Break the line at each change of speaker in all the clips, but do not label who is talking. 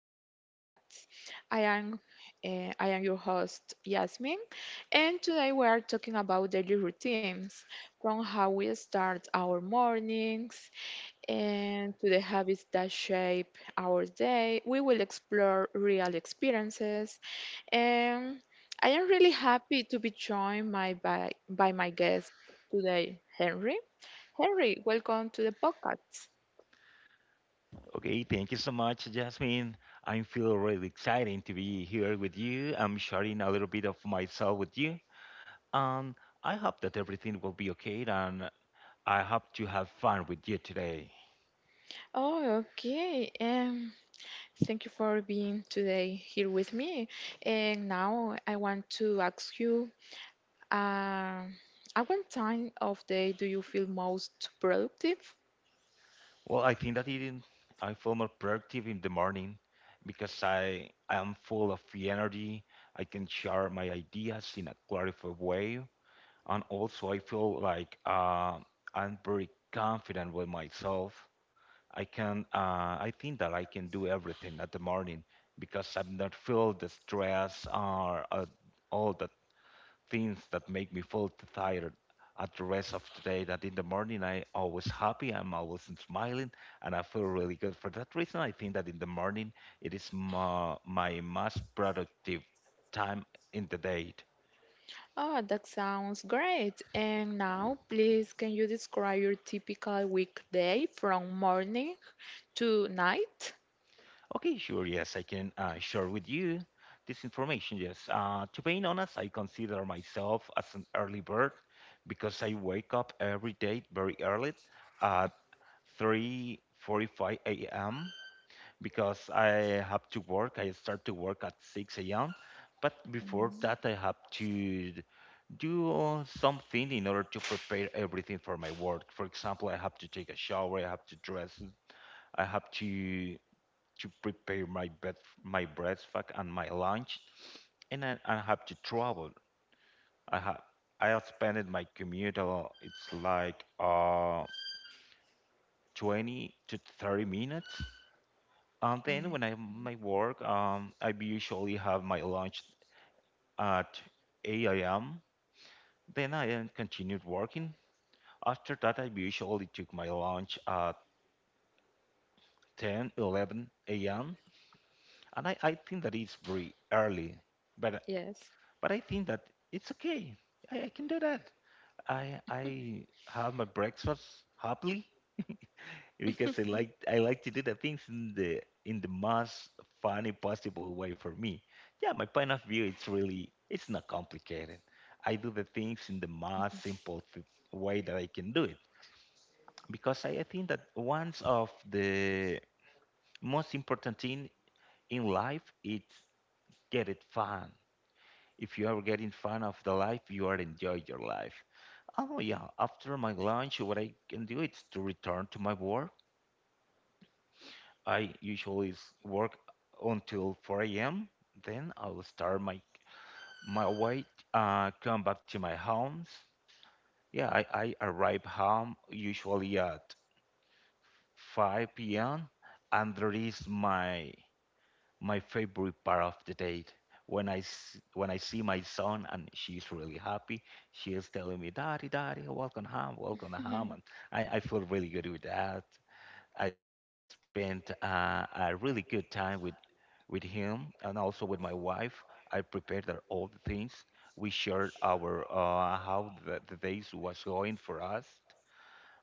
to the podcast. I am I am your host Yasmin, and today we are talking about daily routines, from how we start our mornings and to the habits that shape our day. We will explore real experiences, and I am really happy to be joined my, by my guest today, Henry. Henry, welcome to the podcast.
Okay, thank you so much, Jasmine. I feel really excited to be here with you. I'm sharing a little bit of myself with you, and I hope that everything will be okay. And I hope to have fun with you today.
Oh, okay. Thank you for being today here with me. And now I want to ask you, uh, at what time of day do you feel most productive?
Well, I think that it, I feel more productive in the morning because I am full of the energy. I can share my ideas in a clarified way, and also I feel like I'm very confident with myself. I think that I can do everything at the morning because I'm not feel the stress or all the things that make me feel tired at the rest of the day that in the morning I always happy, I'm always smiling and I feel really good. For that reason I think that in the morning it is my most productive time in the day.
Oh, that sounds great. And now, please, can you describe your typical weekday from morning to night?
Okay, sure. Yes, I can share with you this information. Yes, to be honest, I consider myself as an early bird because I wake up every day very early at 3:45 a.m. Because I have to work. I start to work at 6 a.m. But before that, I have to do something in order to prepare everything for my work. For example, I have to take a shower. I have to dress. I have to prepare my bed, my breakfast and my lunch, and I have to travel. I have I have spent my commute a lot. It's like 20 to 30 minutes. And then
Mm,
when I my work, I usually have my lunch at 8 a.m. Then I continued working. After that, I usually took my lunch at 10, 11 a.m. And I think that it's very early, but
yes.
but I think that it's okay. I can do that. I have my breakfast happily because I like to do the things in the most funny possible way for me. Yeah, my point of view it's not complicated. I do the things in the most simple way that I can do it because I think that one of the most important thing in life is get it fun. If you are getting fun of the life, you are enjoy your life. Oh yeah, after my lunch, what I can do is to return to my work. I usually work until 4 a.m. Then I'll start my way, come back to my homes. Yeah, I arrive home usually at 5 p.m. and that is my favorite part of the day. When when I see my son and she's really happy, she is telling me, "Daddy, Daddy, welcome home,"
Mhm.
and I feel really good with that. I spent a really good time with him and also with my wife. I prepared her all the things. We shared our how the days was going for us,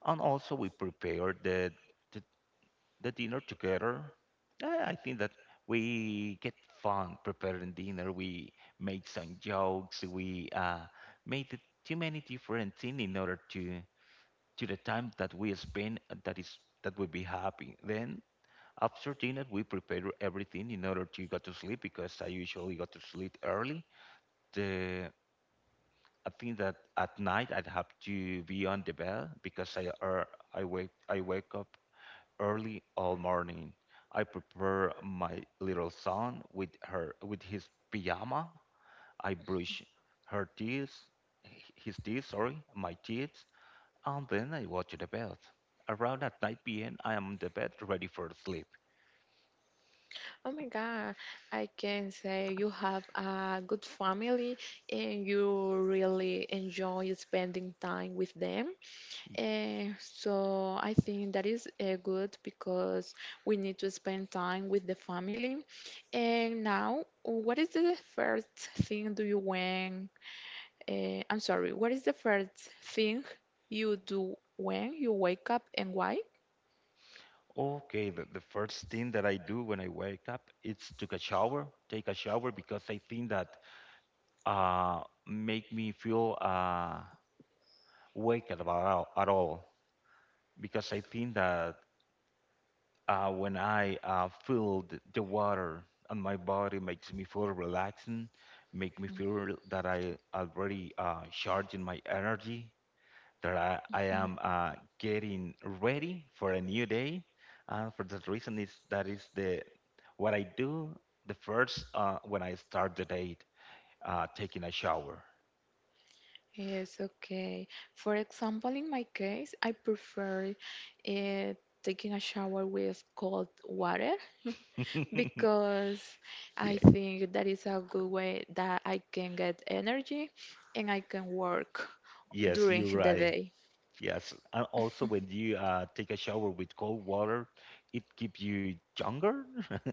and also we prepared the, the dinner together. I think that we get fun preparing dinner. We made some jokes. We made it too many different things in order to to the time that we spend that would be happy. Then after dinner, we prepare everything in order to go to sleep because I usually go to sleep early. The I think that at night I'd have to be on the bed because I I wake up early all morning. I prepare my little son with his pajama. I brush her teeth, his teeth, sorry, my teeth, and then I watch the bed. Around at 9 p.m. I am on the bed ready for sleep.
Oh my God, I can say you have a good family and you really enjoy spending time with them. So I think that is good because we need to spend time with the family. And now, what is the first thing do you when? I'm sorry. What is the first thing you do when you wake up, and why?
Okay, the first thing that I do when I wake up is take a shower because I think that uh make me feel wake at about at all because I think that when I feel the water on my body makes me feel relaxing, make me feel that I already charging my energy that I, I
Mhm.
am uh, getting ready for a new day. For that reason, is that is the what I do the first when I start the day, taking a shower.
Yes, okay. For example, in my case, I prefer uh, taking a shower with cold water
yeah,
because I think that is a good way that I can get energy and I can work
yes,
during
you're
the
right.
day.
Yes, and also when you take a shower with cold water, it keeps you younger.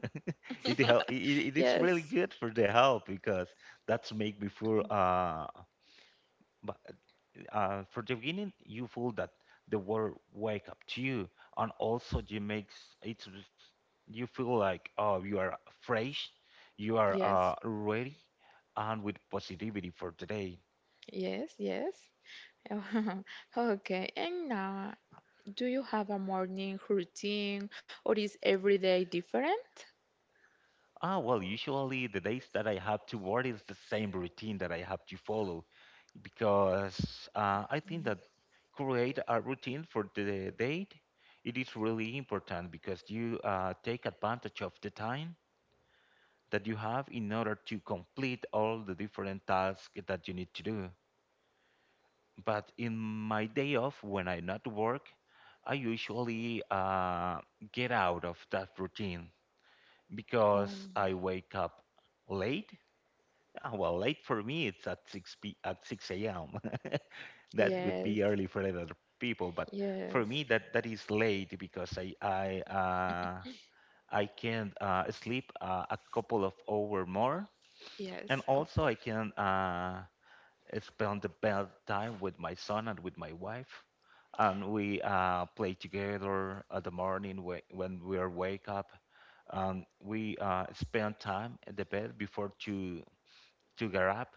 it, help, it it it is really
Yes,
good for the health because that's make me feel b- for the beginning you feel that the world wake up to you and also you makes it's just- you feel like oh you are fresh you are
yes,
ready and with positivity for today.
yes. Okay, and now, do you have a morning routine or is every day different?
Well, usually the days that I have to work is the same routine that I have to follow because I think that create a routine for the date it is really important because you take advantage of the time that you have in order to complete all the different tasks that you need to do. But in my day off, when I not work, I usually get out of that routine
Oh,
because I wake up late. Ah, well, late for me, it's at 6 a.m. That would be
yes.
early for other people, but for
Yes,
me, that is late because I can sleep a couple of hour more. And
yes, of
also, I
course.
can uh, spend the best time with my son and with my wife. And we play together at the morning when we are wake up. We spend time in the bed before to get up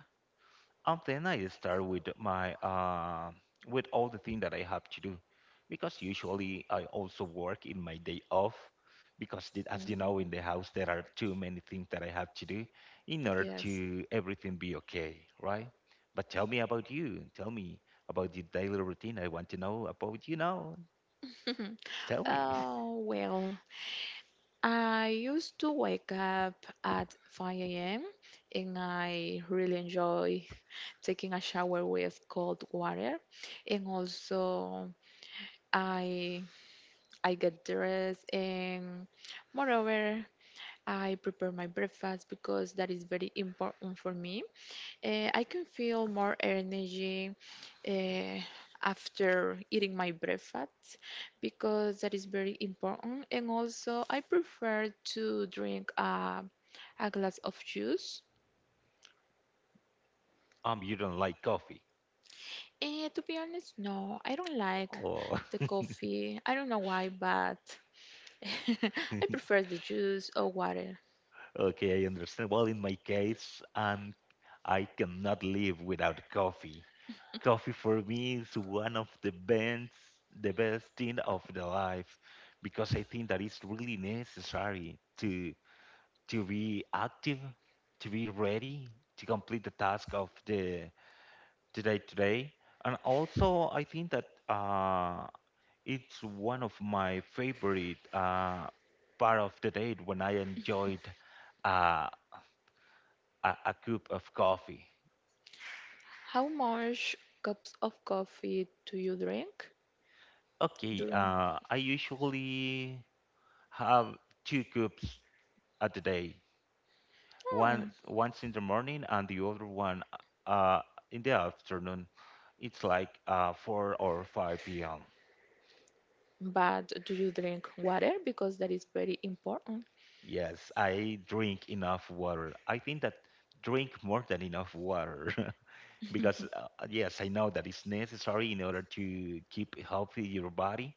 and then I start with my with all the things that I have to do, because usually I also work in my day off, because as you know, in
Um,
the house there are too many things that I have to do in order
yes.
to everything be okay, right? But tell me about you. Tell me about your daily routine. I want to know about you now. Tell me.
Oh, well, I used to wake up at 5 a.m. and I really enjoy taking a shower with cold water. And also, I I get dressed and moreover, I prepare my breakfast because that is very important for me. Eh, I can feel more energy uh, after eating my breakfast because that is very important. And also, I prefer to drink a glass of juice.
You don't like coffee.
Eh, to be honest, no, I don't like
Oh.
the coffee. I don't know why, but I prefer the juice or water.
Okay, I understand. Well, in my case, I cannot live without coffee. Coffee for me is one of the best thing of the life, because I think that it's really necessary to be active, to be ready to complete the task of the today, and also I think that it's one of my favorite part of the day when I enjoyed. uh, a cup of coffee.
How much cups of coffee do you drink?
Okay,
Do.
I usually have two cups a day.
Hmm.
One Once in the morning and the other one uh, in the afternoon. It's like 4 or 5 p.m.
But do you drink water? Because that is very important.
Yes, I drink enough water. I think that drink more than enough water. because
Mhm.
yes, I know that it's necessary in order to keep healthy your body.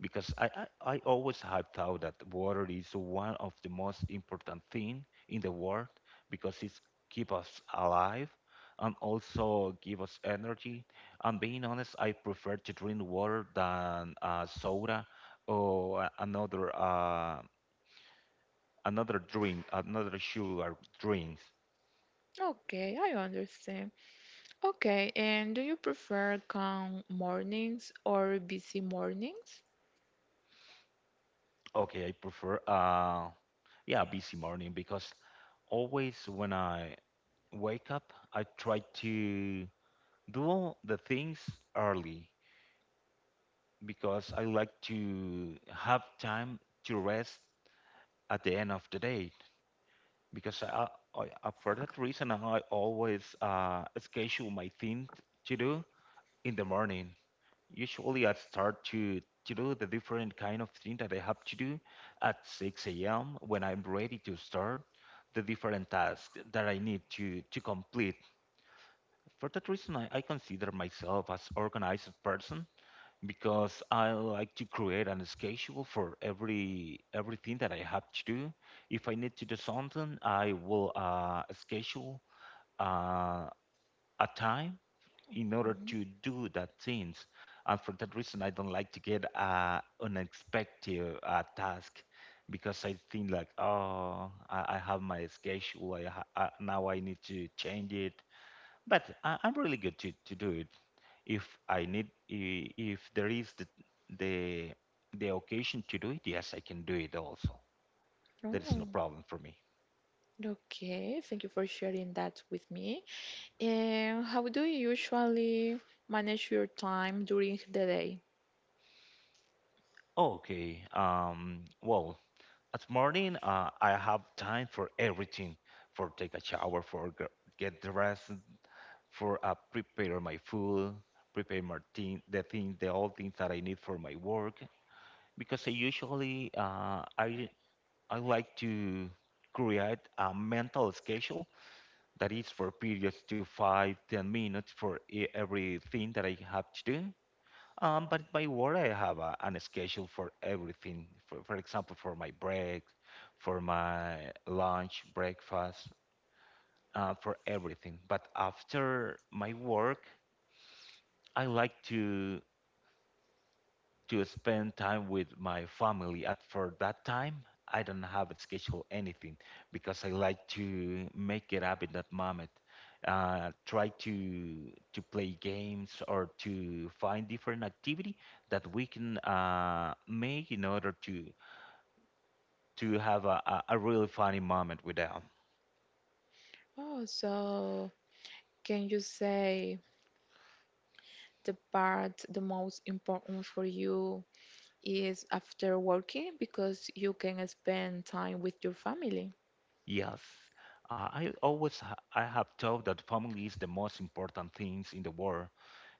Because I always have thought that water is one of the most important thing in the world because it keep us alive and also give us energy. And being honest, I prefer to drink water than soda or another another drink, another sugar drinks.
Okay, I understand. Okay, and do you prefer calm mornings or busy mornings?
Okay, I prefer yeah, busy morning because always when I wake up, I try to do all the things early because I like to have time to rest at the end of the day. Because I For that reason, I always schedule my things to do in the morning. Usually, I start to do the different kind of thing that I have to do at 6 a.m. when I'm ready to start the different tasks that I need to complete. For that reason, I consider myself as organized person because I like to create a schedule for everything that I have to do. If I need to do something, I will schedule uh, a time in order
Mhm.
to do that things. And for that reason, I don't like to get unexpected task because I think like, oh, I have my schedule. Now I need to change it but I'm really good to do it if if there is the the occasion to do it, yes, I can do it also. That is no
Oh,
problem for me.
okay. Thank you for sharing that with me. And how do you usually manage your time during the day?
Okay. Well, at morning, I have time for everything, for take a shower, get dressed, for prepare my food, prepare my thing, the all things that I need for my work. Because I usually, I like to create a mental schedule that is for periods to five, 10 minutes for everything that I have to do. But in my work, I have an schedule for everything. For example, for my break, for my lunch, breakfast, for everything. But after my work, I like to spend time with my family. At for that time, I don't have it scheduled anything because I like to make it up in that moment. Try to play games or to find different activity that we can make in order to have a really funny moment with them.
Oh, so can you say the part the most important for you is after working because you can spend time with your family.
Yes. I always ha I have thought that family is the most important things in the world,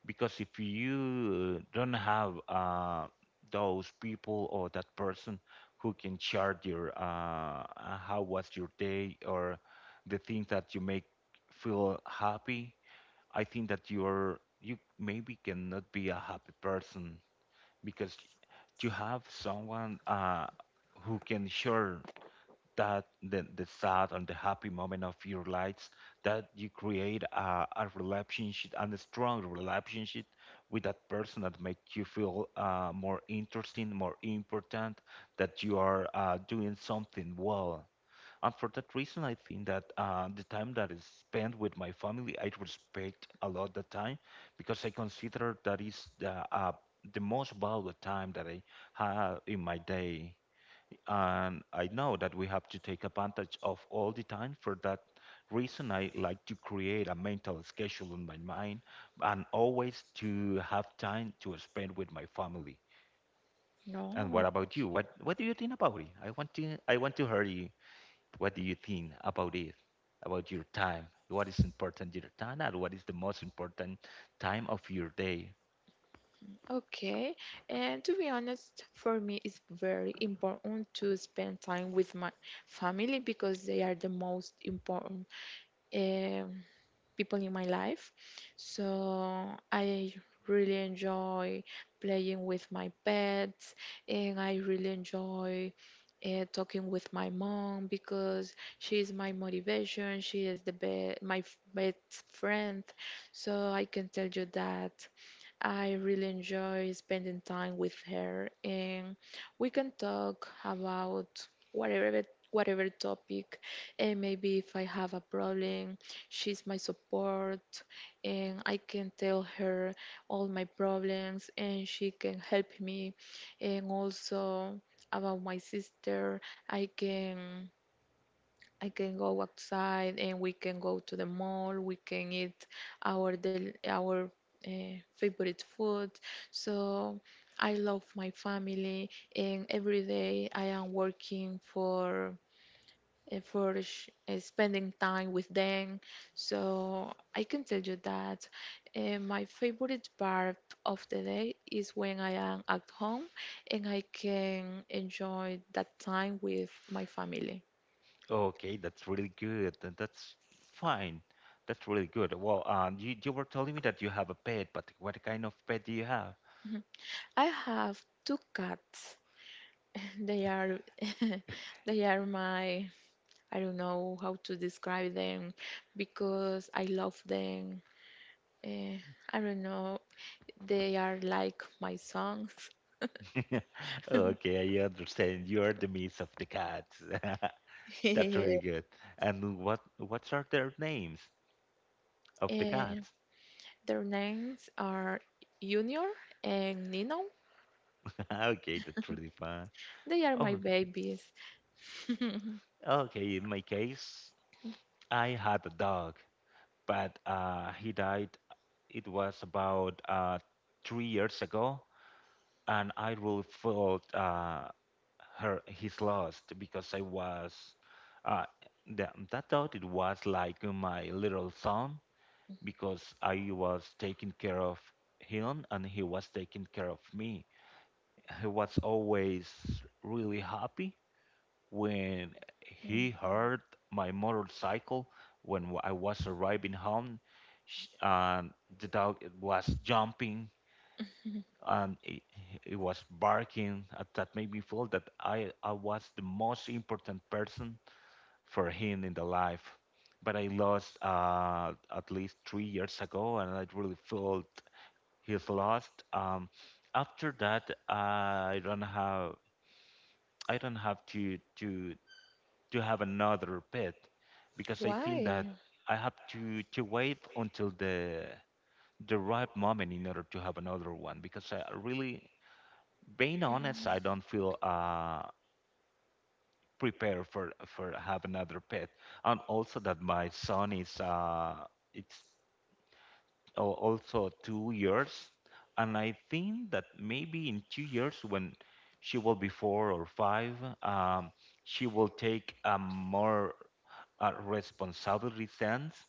because if you don't have those people or that person who can share your how was your day or the things that you make feel happy. I think that you maybe cannot be a happy person because you have someone who can share that the sad and the happy moment of your lives, that you create a relationship and a strong relationship with that person that make you feel more interesting more important, that you are doing something well. And for that reason I think that the time that is spent with my family, I respect a lot the time because I consider that is the most valuable time that I have in my day. And I know that we have to take advantage of all the time. For that reason, I like to create a mental schedule in my mind and always to have time to spend with my family.
No,
And what about you? What
okay.
what do you think about it? I want to hear you. What do you think about it? About your time? What is important your time, and what is the most important time of your day?
Okay, and to be honest, for me, it's very important to spend time with my family because they are the most important, eh, people in my life. So I really enjoy playing with my pets and I really enjoy talking with my mom because she is my motivation. She is the be- my f- best friend. So I can tell you that I really enjoy spending time with her, and we can talk about whatever whatever topic. And maybe if I have a problem, she's my support, and I can tell her all my problems, and she can help me. And also about my sister, I can. I can go outside and we can go to the mall. We can eat our del- our favorite food. So I love my family, and every day I am working for spending time with them. So I can tell you that my favorite part of the day is when I am at home and I can enjoy that time with my family.
Okay, that's really good. That's fine. That's really good. Well, you were telling me that you have a pet, but what kind of pet do you have?
I have two cats. They are they are my I don't know how to describe them because I love them. Eh, I don't know. They are like my songs.
Okay, I understand. You are the miss of the cats. That's really good. And what are their names of the
Eh,
cats?
their names are Junior and Nino.
Okay, that's really fun.
They are my
Oh,
babies.
okay. In my case, I had a dog, but he died. It was about 3 years ago, and I really felt her his loss because I was uh, that thought it was like my little son because I was taking care of him and he was taking care of me. He was always really happy when he heard my motorcycle when I was arriving home and the dog was jumping, and it was barking at, that made me feel that I was the most important person for him in the life. But I lost at least 3 years ago, and I really felt he's lost. After that, I don't have to have another pet because I think
Why?
that I have to wait until the right moment in order to have another one because I really, being
Mm.
honest, I don't feel prepared for have another pet. And also that my son is it's also 2 years, and I think that maybe in 2 years when she will be four or five, um, she will take a more responsibility sense,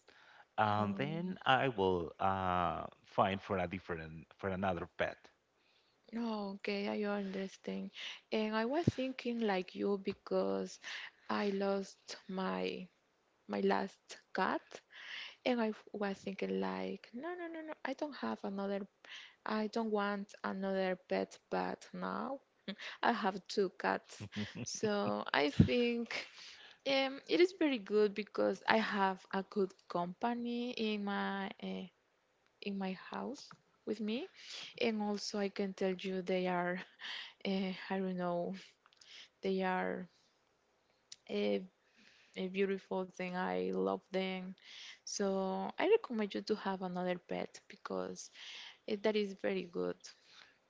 and
Um.
then I will find for a different for another pet.
No, okay, I understand. And I was thinking like you because I lost my my last cat and I f- was thinking like no, I don't have another, I don't want another pet but now I have two cats. So I think it is very good because I have a good company in my house with me, and also I can tell you they are eh, I don't know. They are a, a beautiful thing. I love them. So I recommend you to have another pet because it, that is very good.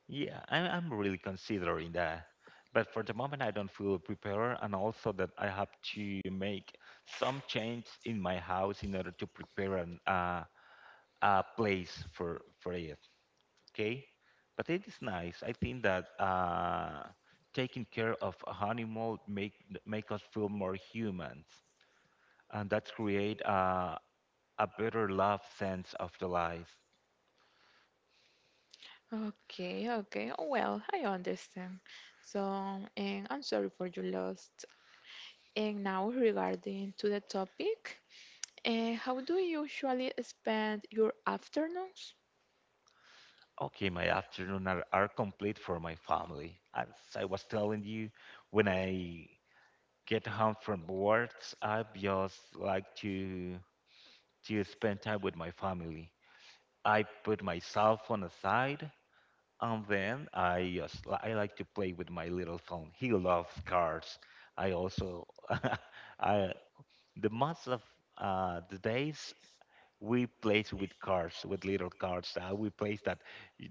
Yeah, I'm really considering that. But for the moment, I don't feel prepared, and also that I have to make some change in my house in order to prepare a place for it. Okay, but it is nice. I think that taking care of a animal make us feel more humans, and that create a better love sense of the life.
Okay, okay. Oh, well, I understand. So, and I'm sorry for your loss. And now regarding to the topic, eh, how do you usually spend your afternoons?
Okay, my afternoon are complete for my family. As I was telling you, when I get home from work, I just like to spend time with my family. I put my cell phone aside, and then I just I like to play with my little son. He loves cards. I also I the most of the days we play with cards, with little cards. We play that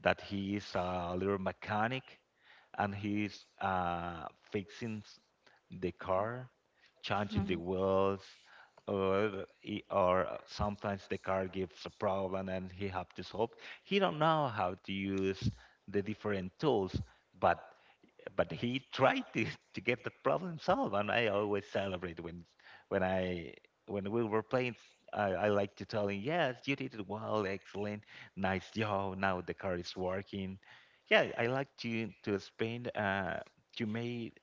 that he is a little mechanic, and he's fixing the car, changing the
Mhm.
wheels, or or sometimes the car gives a problem and he have to solve. He don't know how to use the different tools, but he tried to get the problem solved. And I always celebrate when I when we were playing, I like to tell him, "Yes, you did it well, excellent, nice job, now the car is working." Yeah, I like to spend to make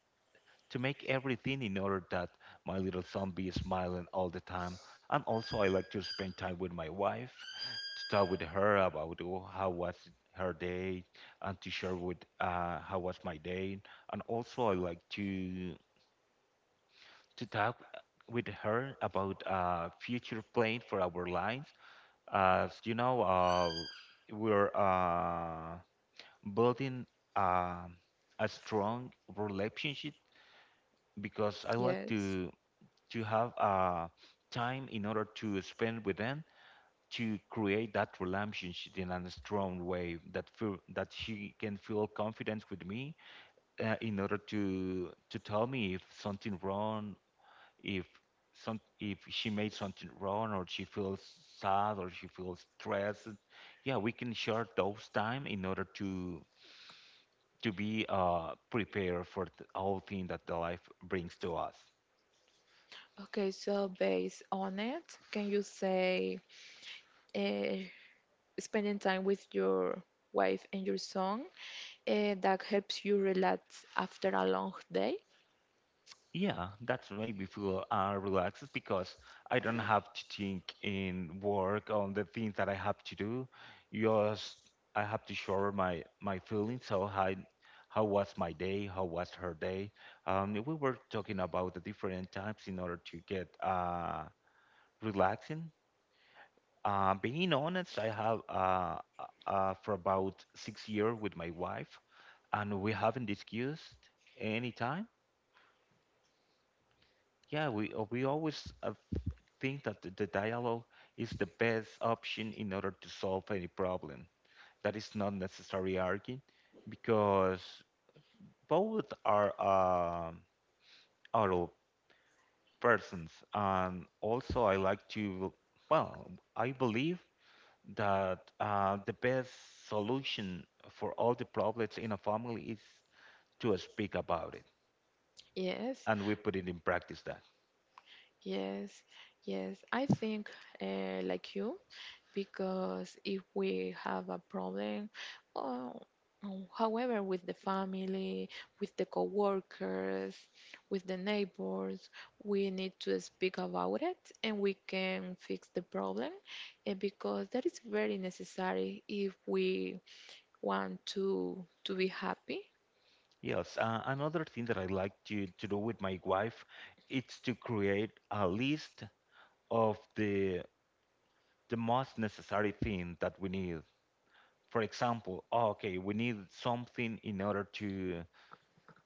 to make everything in order that my little son be smiling all the time. And also, I like to spend time with my wife, to talk with her about, oh, how was her day, and to share with how was my day. And also, I like to talk with her about future plan for our lines. As you know, we're building uh, a strong relationship, because I like
Yes.
to have time in order to spend with them, to create that relationship in a strong way that feel, that she can feel confidence with me in order to tell me if something wrong, if some if she made something wrong, or she feels sad, or she feels stressed. Yeah, we can share those time in order to be prepared for the whole thing that the life brings to us.
Okay, so based on it, can you say uh, spending time with your wife and your son eh, that helps you relax after a long day.
Yeah, that's why we feel relaxed because I don't have to think in work on the things that I have to do. Just I have to share my feelings. So how was my day? How was her day? We were talking about the different types in order to get relaxing. Being honest, I have for about 6 years with my wife, and we haven't discussed any time. Yeah, we always think that the dialogue is the best option in order to solve any problem. That is not necessarily arguing, because both are adult persons, and also I like to well, I believe that the best solution for all the problems in a family is to speak about it,
yes
and we put it in practice. That.
yes yes i think like you because if we have a problem, uh, however, with the family, with the coworkers, with the neighbors, we need to speak about it and we can fix the problem. And because that is very necessary if we want to be happy.
Yes, another thing that I like to do with my wife is to create a list of the most necessary thing that we need. For example, oh, okay, we need something in order to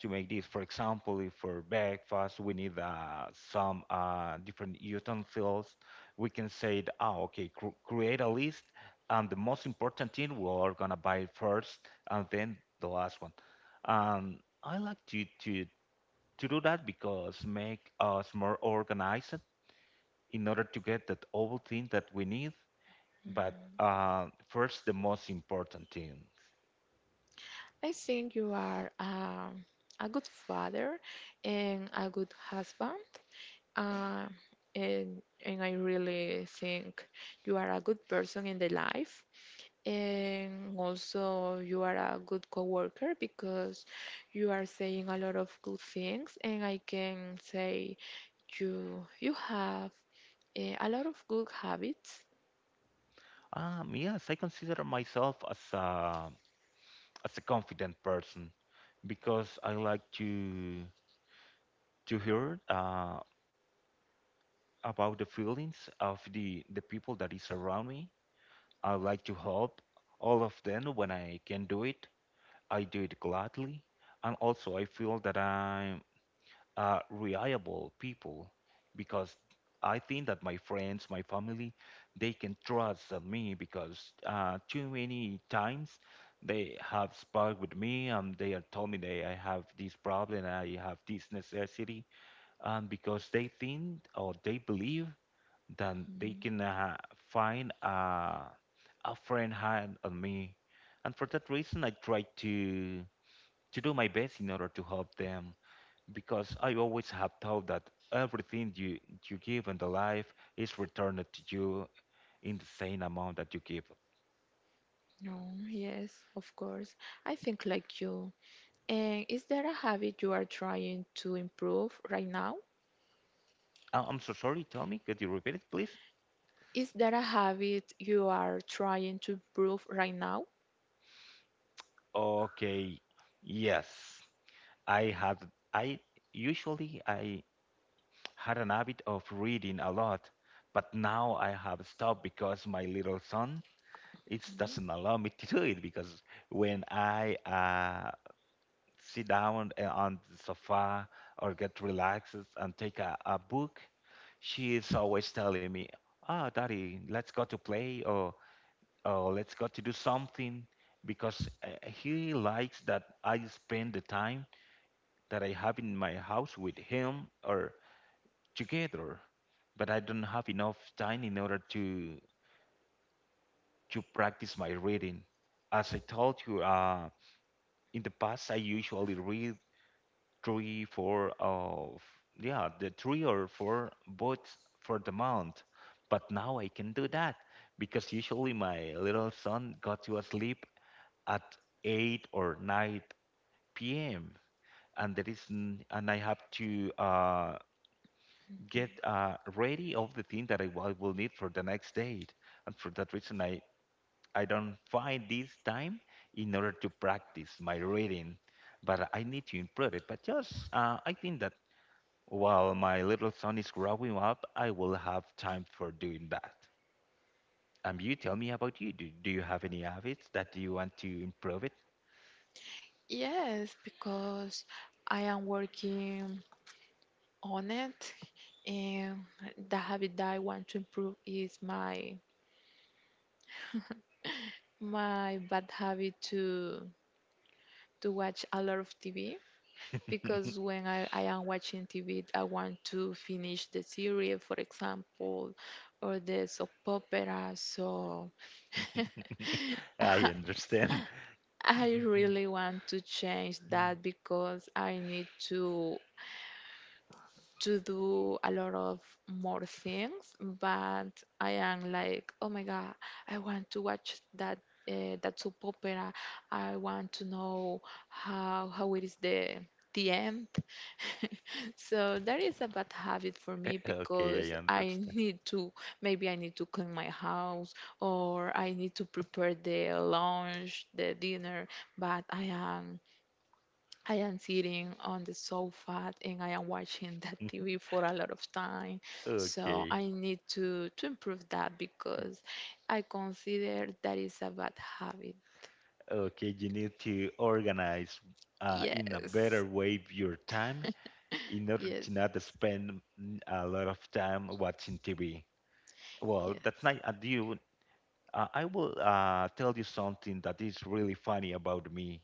to make this. For example, if for breakfast we need some different utensils, we can say that, oh, okay, cr create a list, and the most important thing we are gonna buy first, and then the last one. Um, I like to do that because make us more organized in order to get that all thing that we need, but first the most important thing.
I think you are a good father and a good husband, uh, and I really think you are a good person in the life. And also, you are a good coworker because you are saying a lot of good things, and I can say you have eh, a lot of good habits.
Yes, I consider myself as a confident person because I like to hear about the feelings of the people that is around me. I like to help all of them when I can do it. I do it gladly, and also I feel that I reliable people because I think that my friends, my family, they can trust on me because too many times they have spoke with me, and they have told me that I have this problem, I have this necessity, and because they think or they believe that they can find a friend hand on me. And for that reason I try to do my best in order to help them because I always have thought that everything you give in the life is returned to you in the same amount that you give.
No, yes, of course. I think like you. And is there a habit you are trying to improve right now?
I'm so sorry, tell me, could you repeat it, please?
Is there a habit you are trying to improve right now?
Okay, yes. I had, I usually I had an habit of reading a lot, but now I have stopped because my little son it doesn't allow me to do it because when I sit down on the sofa or get relaxed and take a book, she is always telling me, "Ah, daddy, let's go to play or let's go to do something," because he likes that I spend the time that I have in my house with him or together, but I don't have enough time in order to practice my reading. As I told you, in the past I usually read three, four of yeah, the three or four votes for the month. But now I can do that because usually my little son got to sleep at 8 or 9 p.m. and there is n- and I have to get ready of the thing that I will need for the next date. And for that reason, I don't find this time in order to practice my reading, but I need to improve it. But just I think that while my little son is growing up, I will have time for doing that. You tell me about you. Do you have any habits that you want to improve it?
Yes, because I am working on it, and the habit that I want to improve is my bad habit to watch a lot of TV. Because when I am watching TV, I want to finish the series, for example, or the soap opera. So
I understand.
I really want to change that because I need to do a lot of more things, but I am like, oh my god, I want to watch that that soap opera. I want to know how it is the end. So that is a bad habit for me
Okay,
because
I
I
understand.
need to, maybe I need to clean my house or I need to prepare the lunch, the dinner, but I am sitting on the sofa and I am watching that TV for a lot of time. So
Okay.
I need to improve that because I consider that is a bad habit.
Okay, you need to organize in a
Yes.
better way your time in order
Yes.
to not spend a lot of time watching TV. Well,
Yes.
that's nice. I will tell you something that is really funny about me.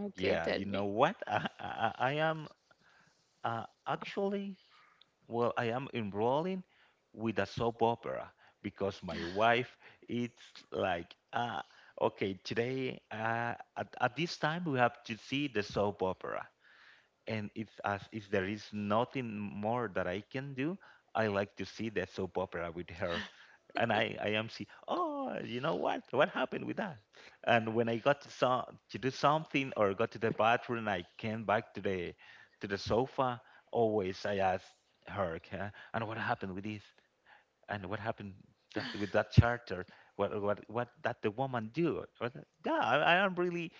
Okay,
Yeah,
tell
you know
me.
what? I am uh, actually, I am enrolling with a soap opera because my wife, it's like, ah, okay, today at this time we have to see the soap opera. And if, as, if there is nothing more that I can do, I like to see the soap opera with her and I am see oh you know what happened with that and when I got to, so, to do something or got to the bathroom I came back to the sofa always I asked her, " and what happened with this and what happened that with that charter what that the woman do. Or that, yeah, I am really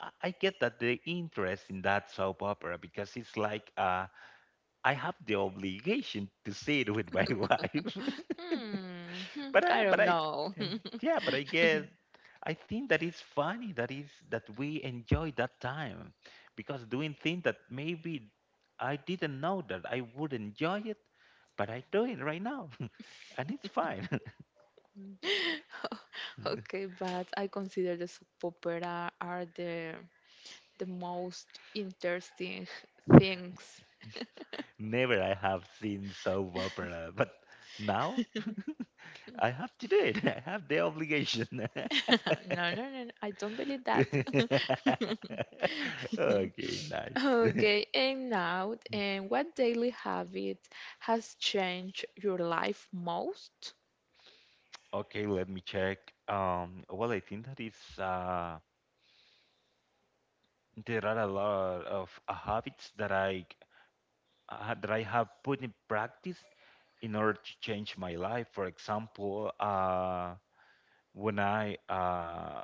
I get that the interest in that soap opera because it's like I have the obligation to see it with my wife.
Hmm, hmm,
but I,
I
but
don't
I
know.
and yeah, but I get. I think that it's funny that is that we enjoy that time because doing things that maybe I didn't know that I would enjoy it, but I do it right now. And it's fine.
Okay, but I consider the soap opera are the most interesting things.
Never I have seen soap opera, but now I have to do it. I have the obligation.
no, no, I don't believe that.
Okay, nice.
Okay, and now, and what daily habit has changed your life most?
Okay, let me check. Well, I think that is there are a lot of habits that I have put in practice in order to change my life. For example, when I uh,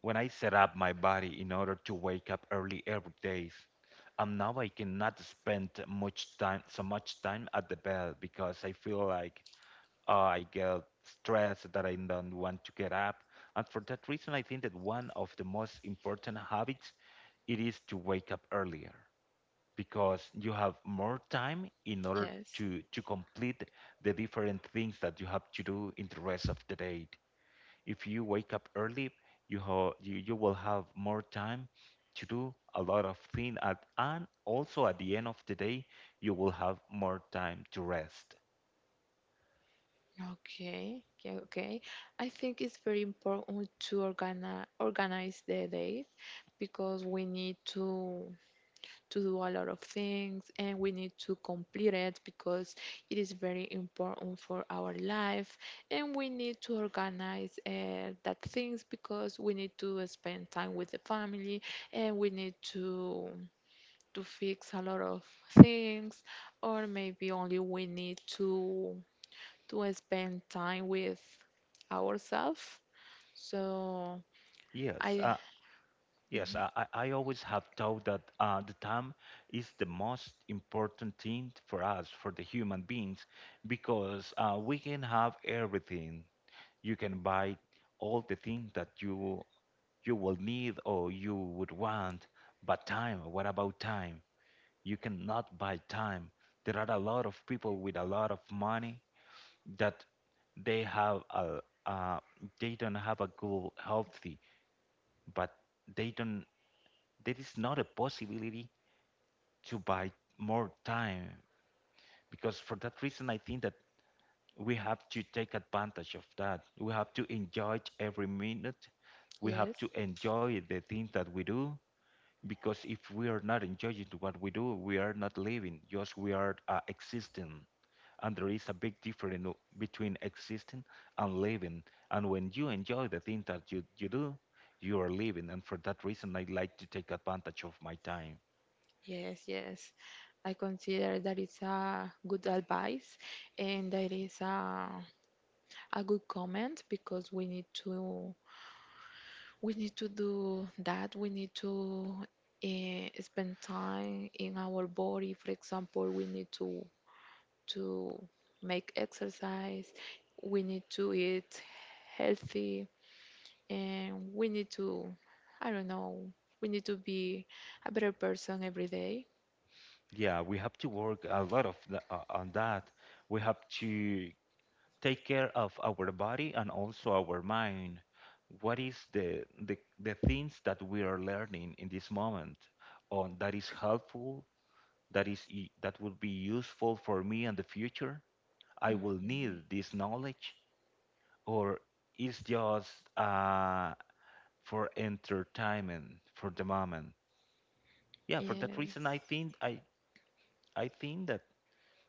when I set up my body in order to wake up early every day, now I cannot spend much time so much time at the bed because I feel like I get stressed that I don't want to get up. And for that reason, I think that one of the most important habits it is to wake up earlier. Because you have more time in order
Yes.
to complete the different things that you have to do in the rest of the day. If you wake up early, you will have more time to do a lot of things at and also at the end of the day you will have more time to rest.
Okay, yeah, okay. I think it's very important to organize the day because we need to do a lot of things and we need to complete it because it is very important for our life and we need to organize that things because we need to spend time with the family and we need to fix a lot of things, or maybe only we need to spend time with ourselves. So
Yes,
I
yes, I always have thought that the time is the most important thing for us, for the human beings, because we can have everything. You can buy all the things that you will need or you would want. But time, what about time? You cannot buy time. There are a lot of people with a lot of money that they have a uh, they don't have a good healthy, but they don't. There is not a possibility to buy more time because for that reason, I think that we have to take advantage of that. We have to enjoy every minute. We have
yes
to enjoy the things that we do because if we are not enjoying what we do, we are not living. Just we are existing, and there is a big difference no, between existing and living. And when you enjoy the things that you do, you are living. And for that reason, I like to take advantage of my time.
yes yes I consider that it's a good advice and that is a good comment because we need to, we need to do that. We need to eh, spend time in our body. For example, we need to make exercise. We need to eat healthy, and we need to I don't know. We need to be a better person every day.
Yeah, we have to work a lot of on that. We have to take care of our body and also our mind. What is the things that we are learning in this moment on that is helpful, that is that will be useful for me in the future? I will need this knowledge, or is just uh, for entertainment for the moment? Yeah, for that
Yes.
reason, I think that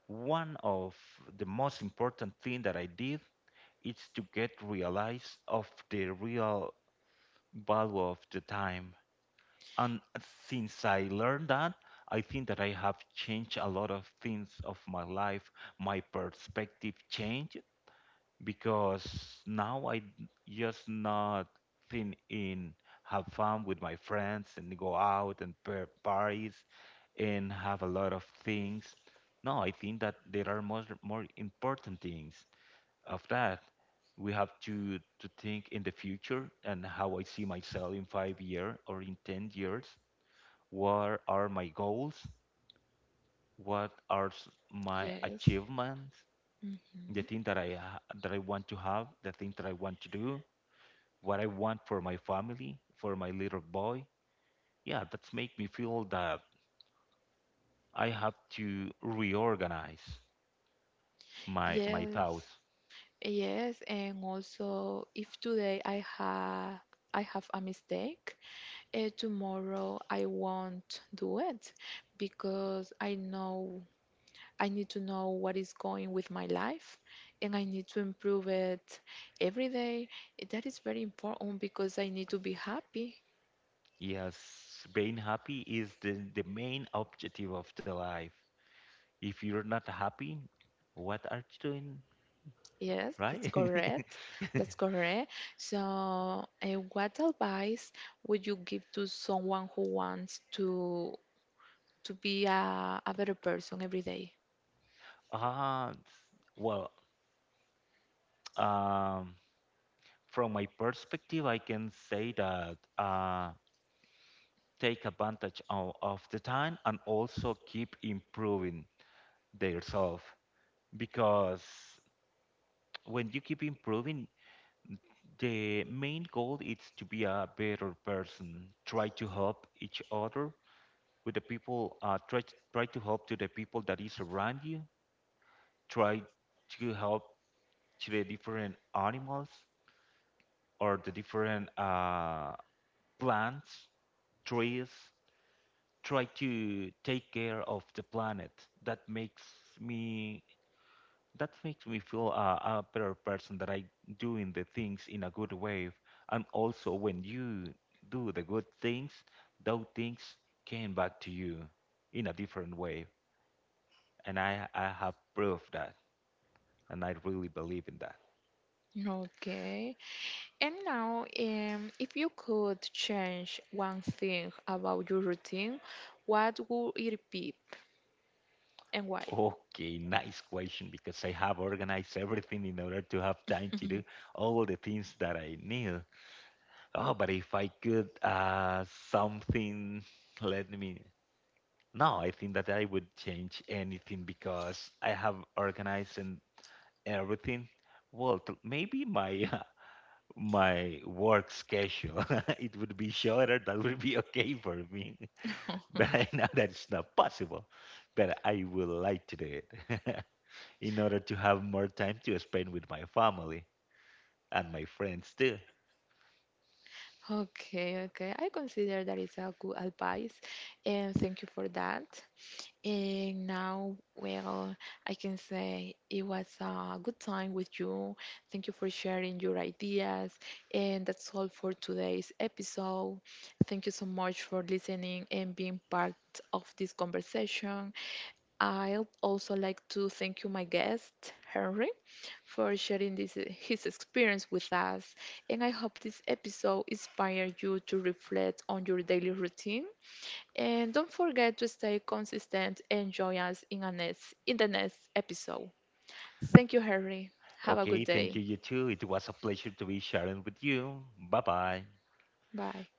one of the most important thing that I did, it's to get realized of the real value of the time. And since I learned that, I think that I have changed a lot of things of my life. My perspective changed because now I just not think in have fun with my friends and go out and pair parties and have a lot of things. No, I think that there are more important things of that, we have to think in the future and how I see myself in 5 year or in 10 years. What are my goals? What are my
Yes.
achievements? The
Hmm.
thing that that I want to have, the things that I want to do, what I want for my family, for my little boy. Yeah, that's make me feel that I have to reorganize my
Yes.
thoughts.
Yes. And also, if today I have a mistake, eh, tomorrow I won't do it because I know I need to know what is going with my life and I need to improve it every day. Eh, that is very important because I need to be happy.
Yes, being happy is the main objective of the life. If you're not happy, what are you doing,
Yes, that's
right?
correct. That's correct. So, what advice would you give to someone who wants to be a better person every day?
Uh, well, um, from my perspective, I can say that take advantage of the time and also keep improving yourself because when you keep improving, the main goal is to be a better person. Try to help each other with the people. Try to help to the people that is around you, try to help to the different animals or the different plants, trees. Try to take care of the planet. That makes me that makes me feel a better person that I doing the things in a good way. And also when you do the good things, those things came back to you in a different way. And I have proved that, and I really believe in that.
Okay. And now, if you could change one thing about your routine, what would it be and why?
Okay, nice question because I have organized everything in order to have time to do all the things that I need. Oh, but if I could something let me, no, I think that I would change anything because I have organized and everything. Well, maybe my my work schedule it would be shorter. That would be okay for me, but I know that it's not possible. But I would like to do it. In order to have more time to spend with my family and my friends too.
Okay, okay. I consider that is a good advice, and thank you for that. And now, well, I can say it was a good time with you. Thank you for sharing your ideas, and that's all for today's episode. Thank you so much for listening and being part of this conversation. I'd also like to thank you, my guest, Henry for sharing this, his experience with us. And I hope this episode inspired you to reflect on your daily routine. And don't forget to stay consistent and join us in, a next, in the next episode. Thank you, Harry. Have a good
Okay, thank
day.
you, you too. It was a pleasure to be sharing with you. Bye bye.
Bye.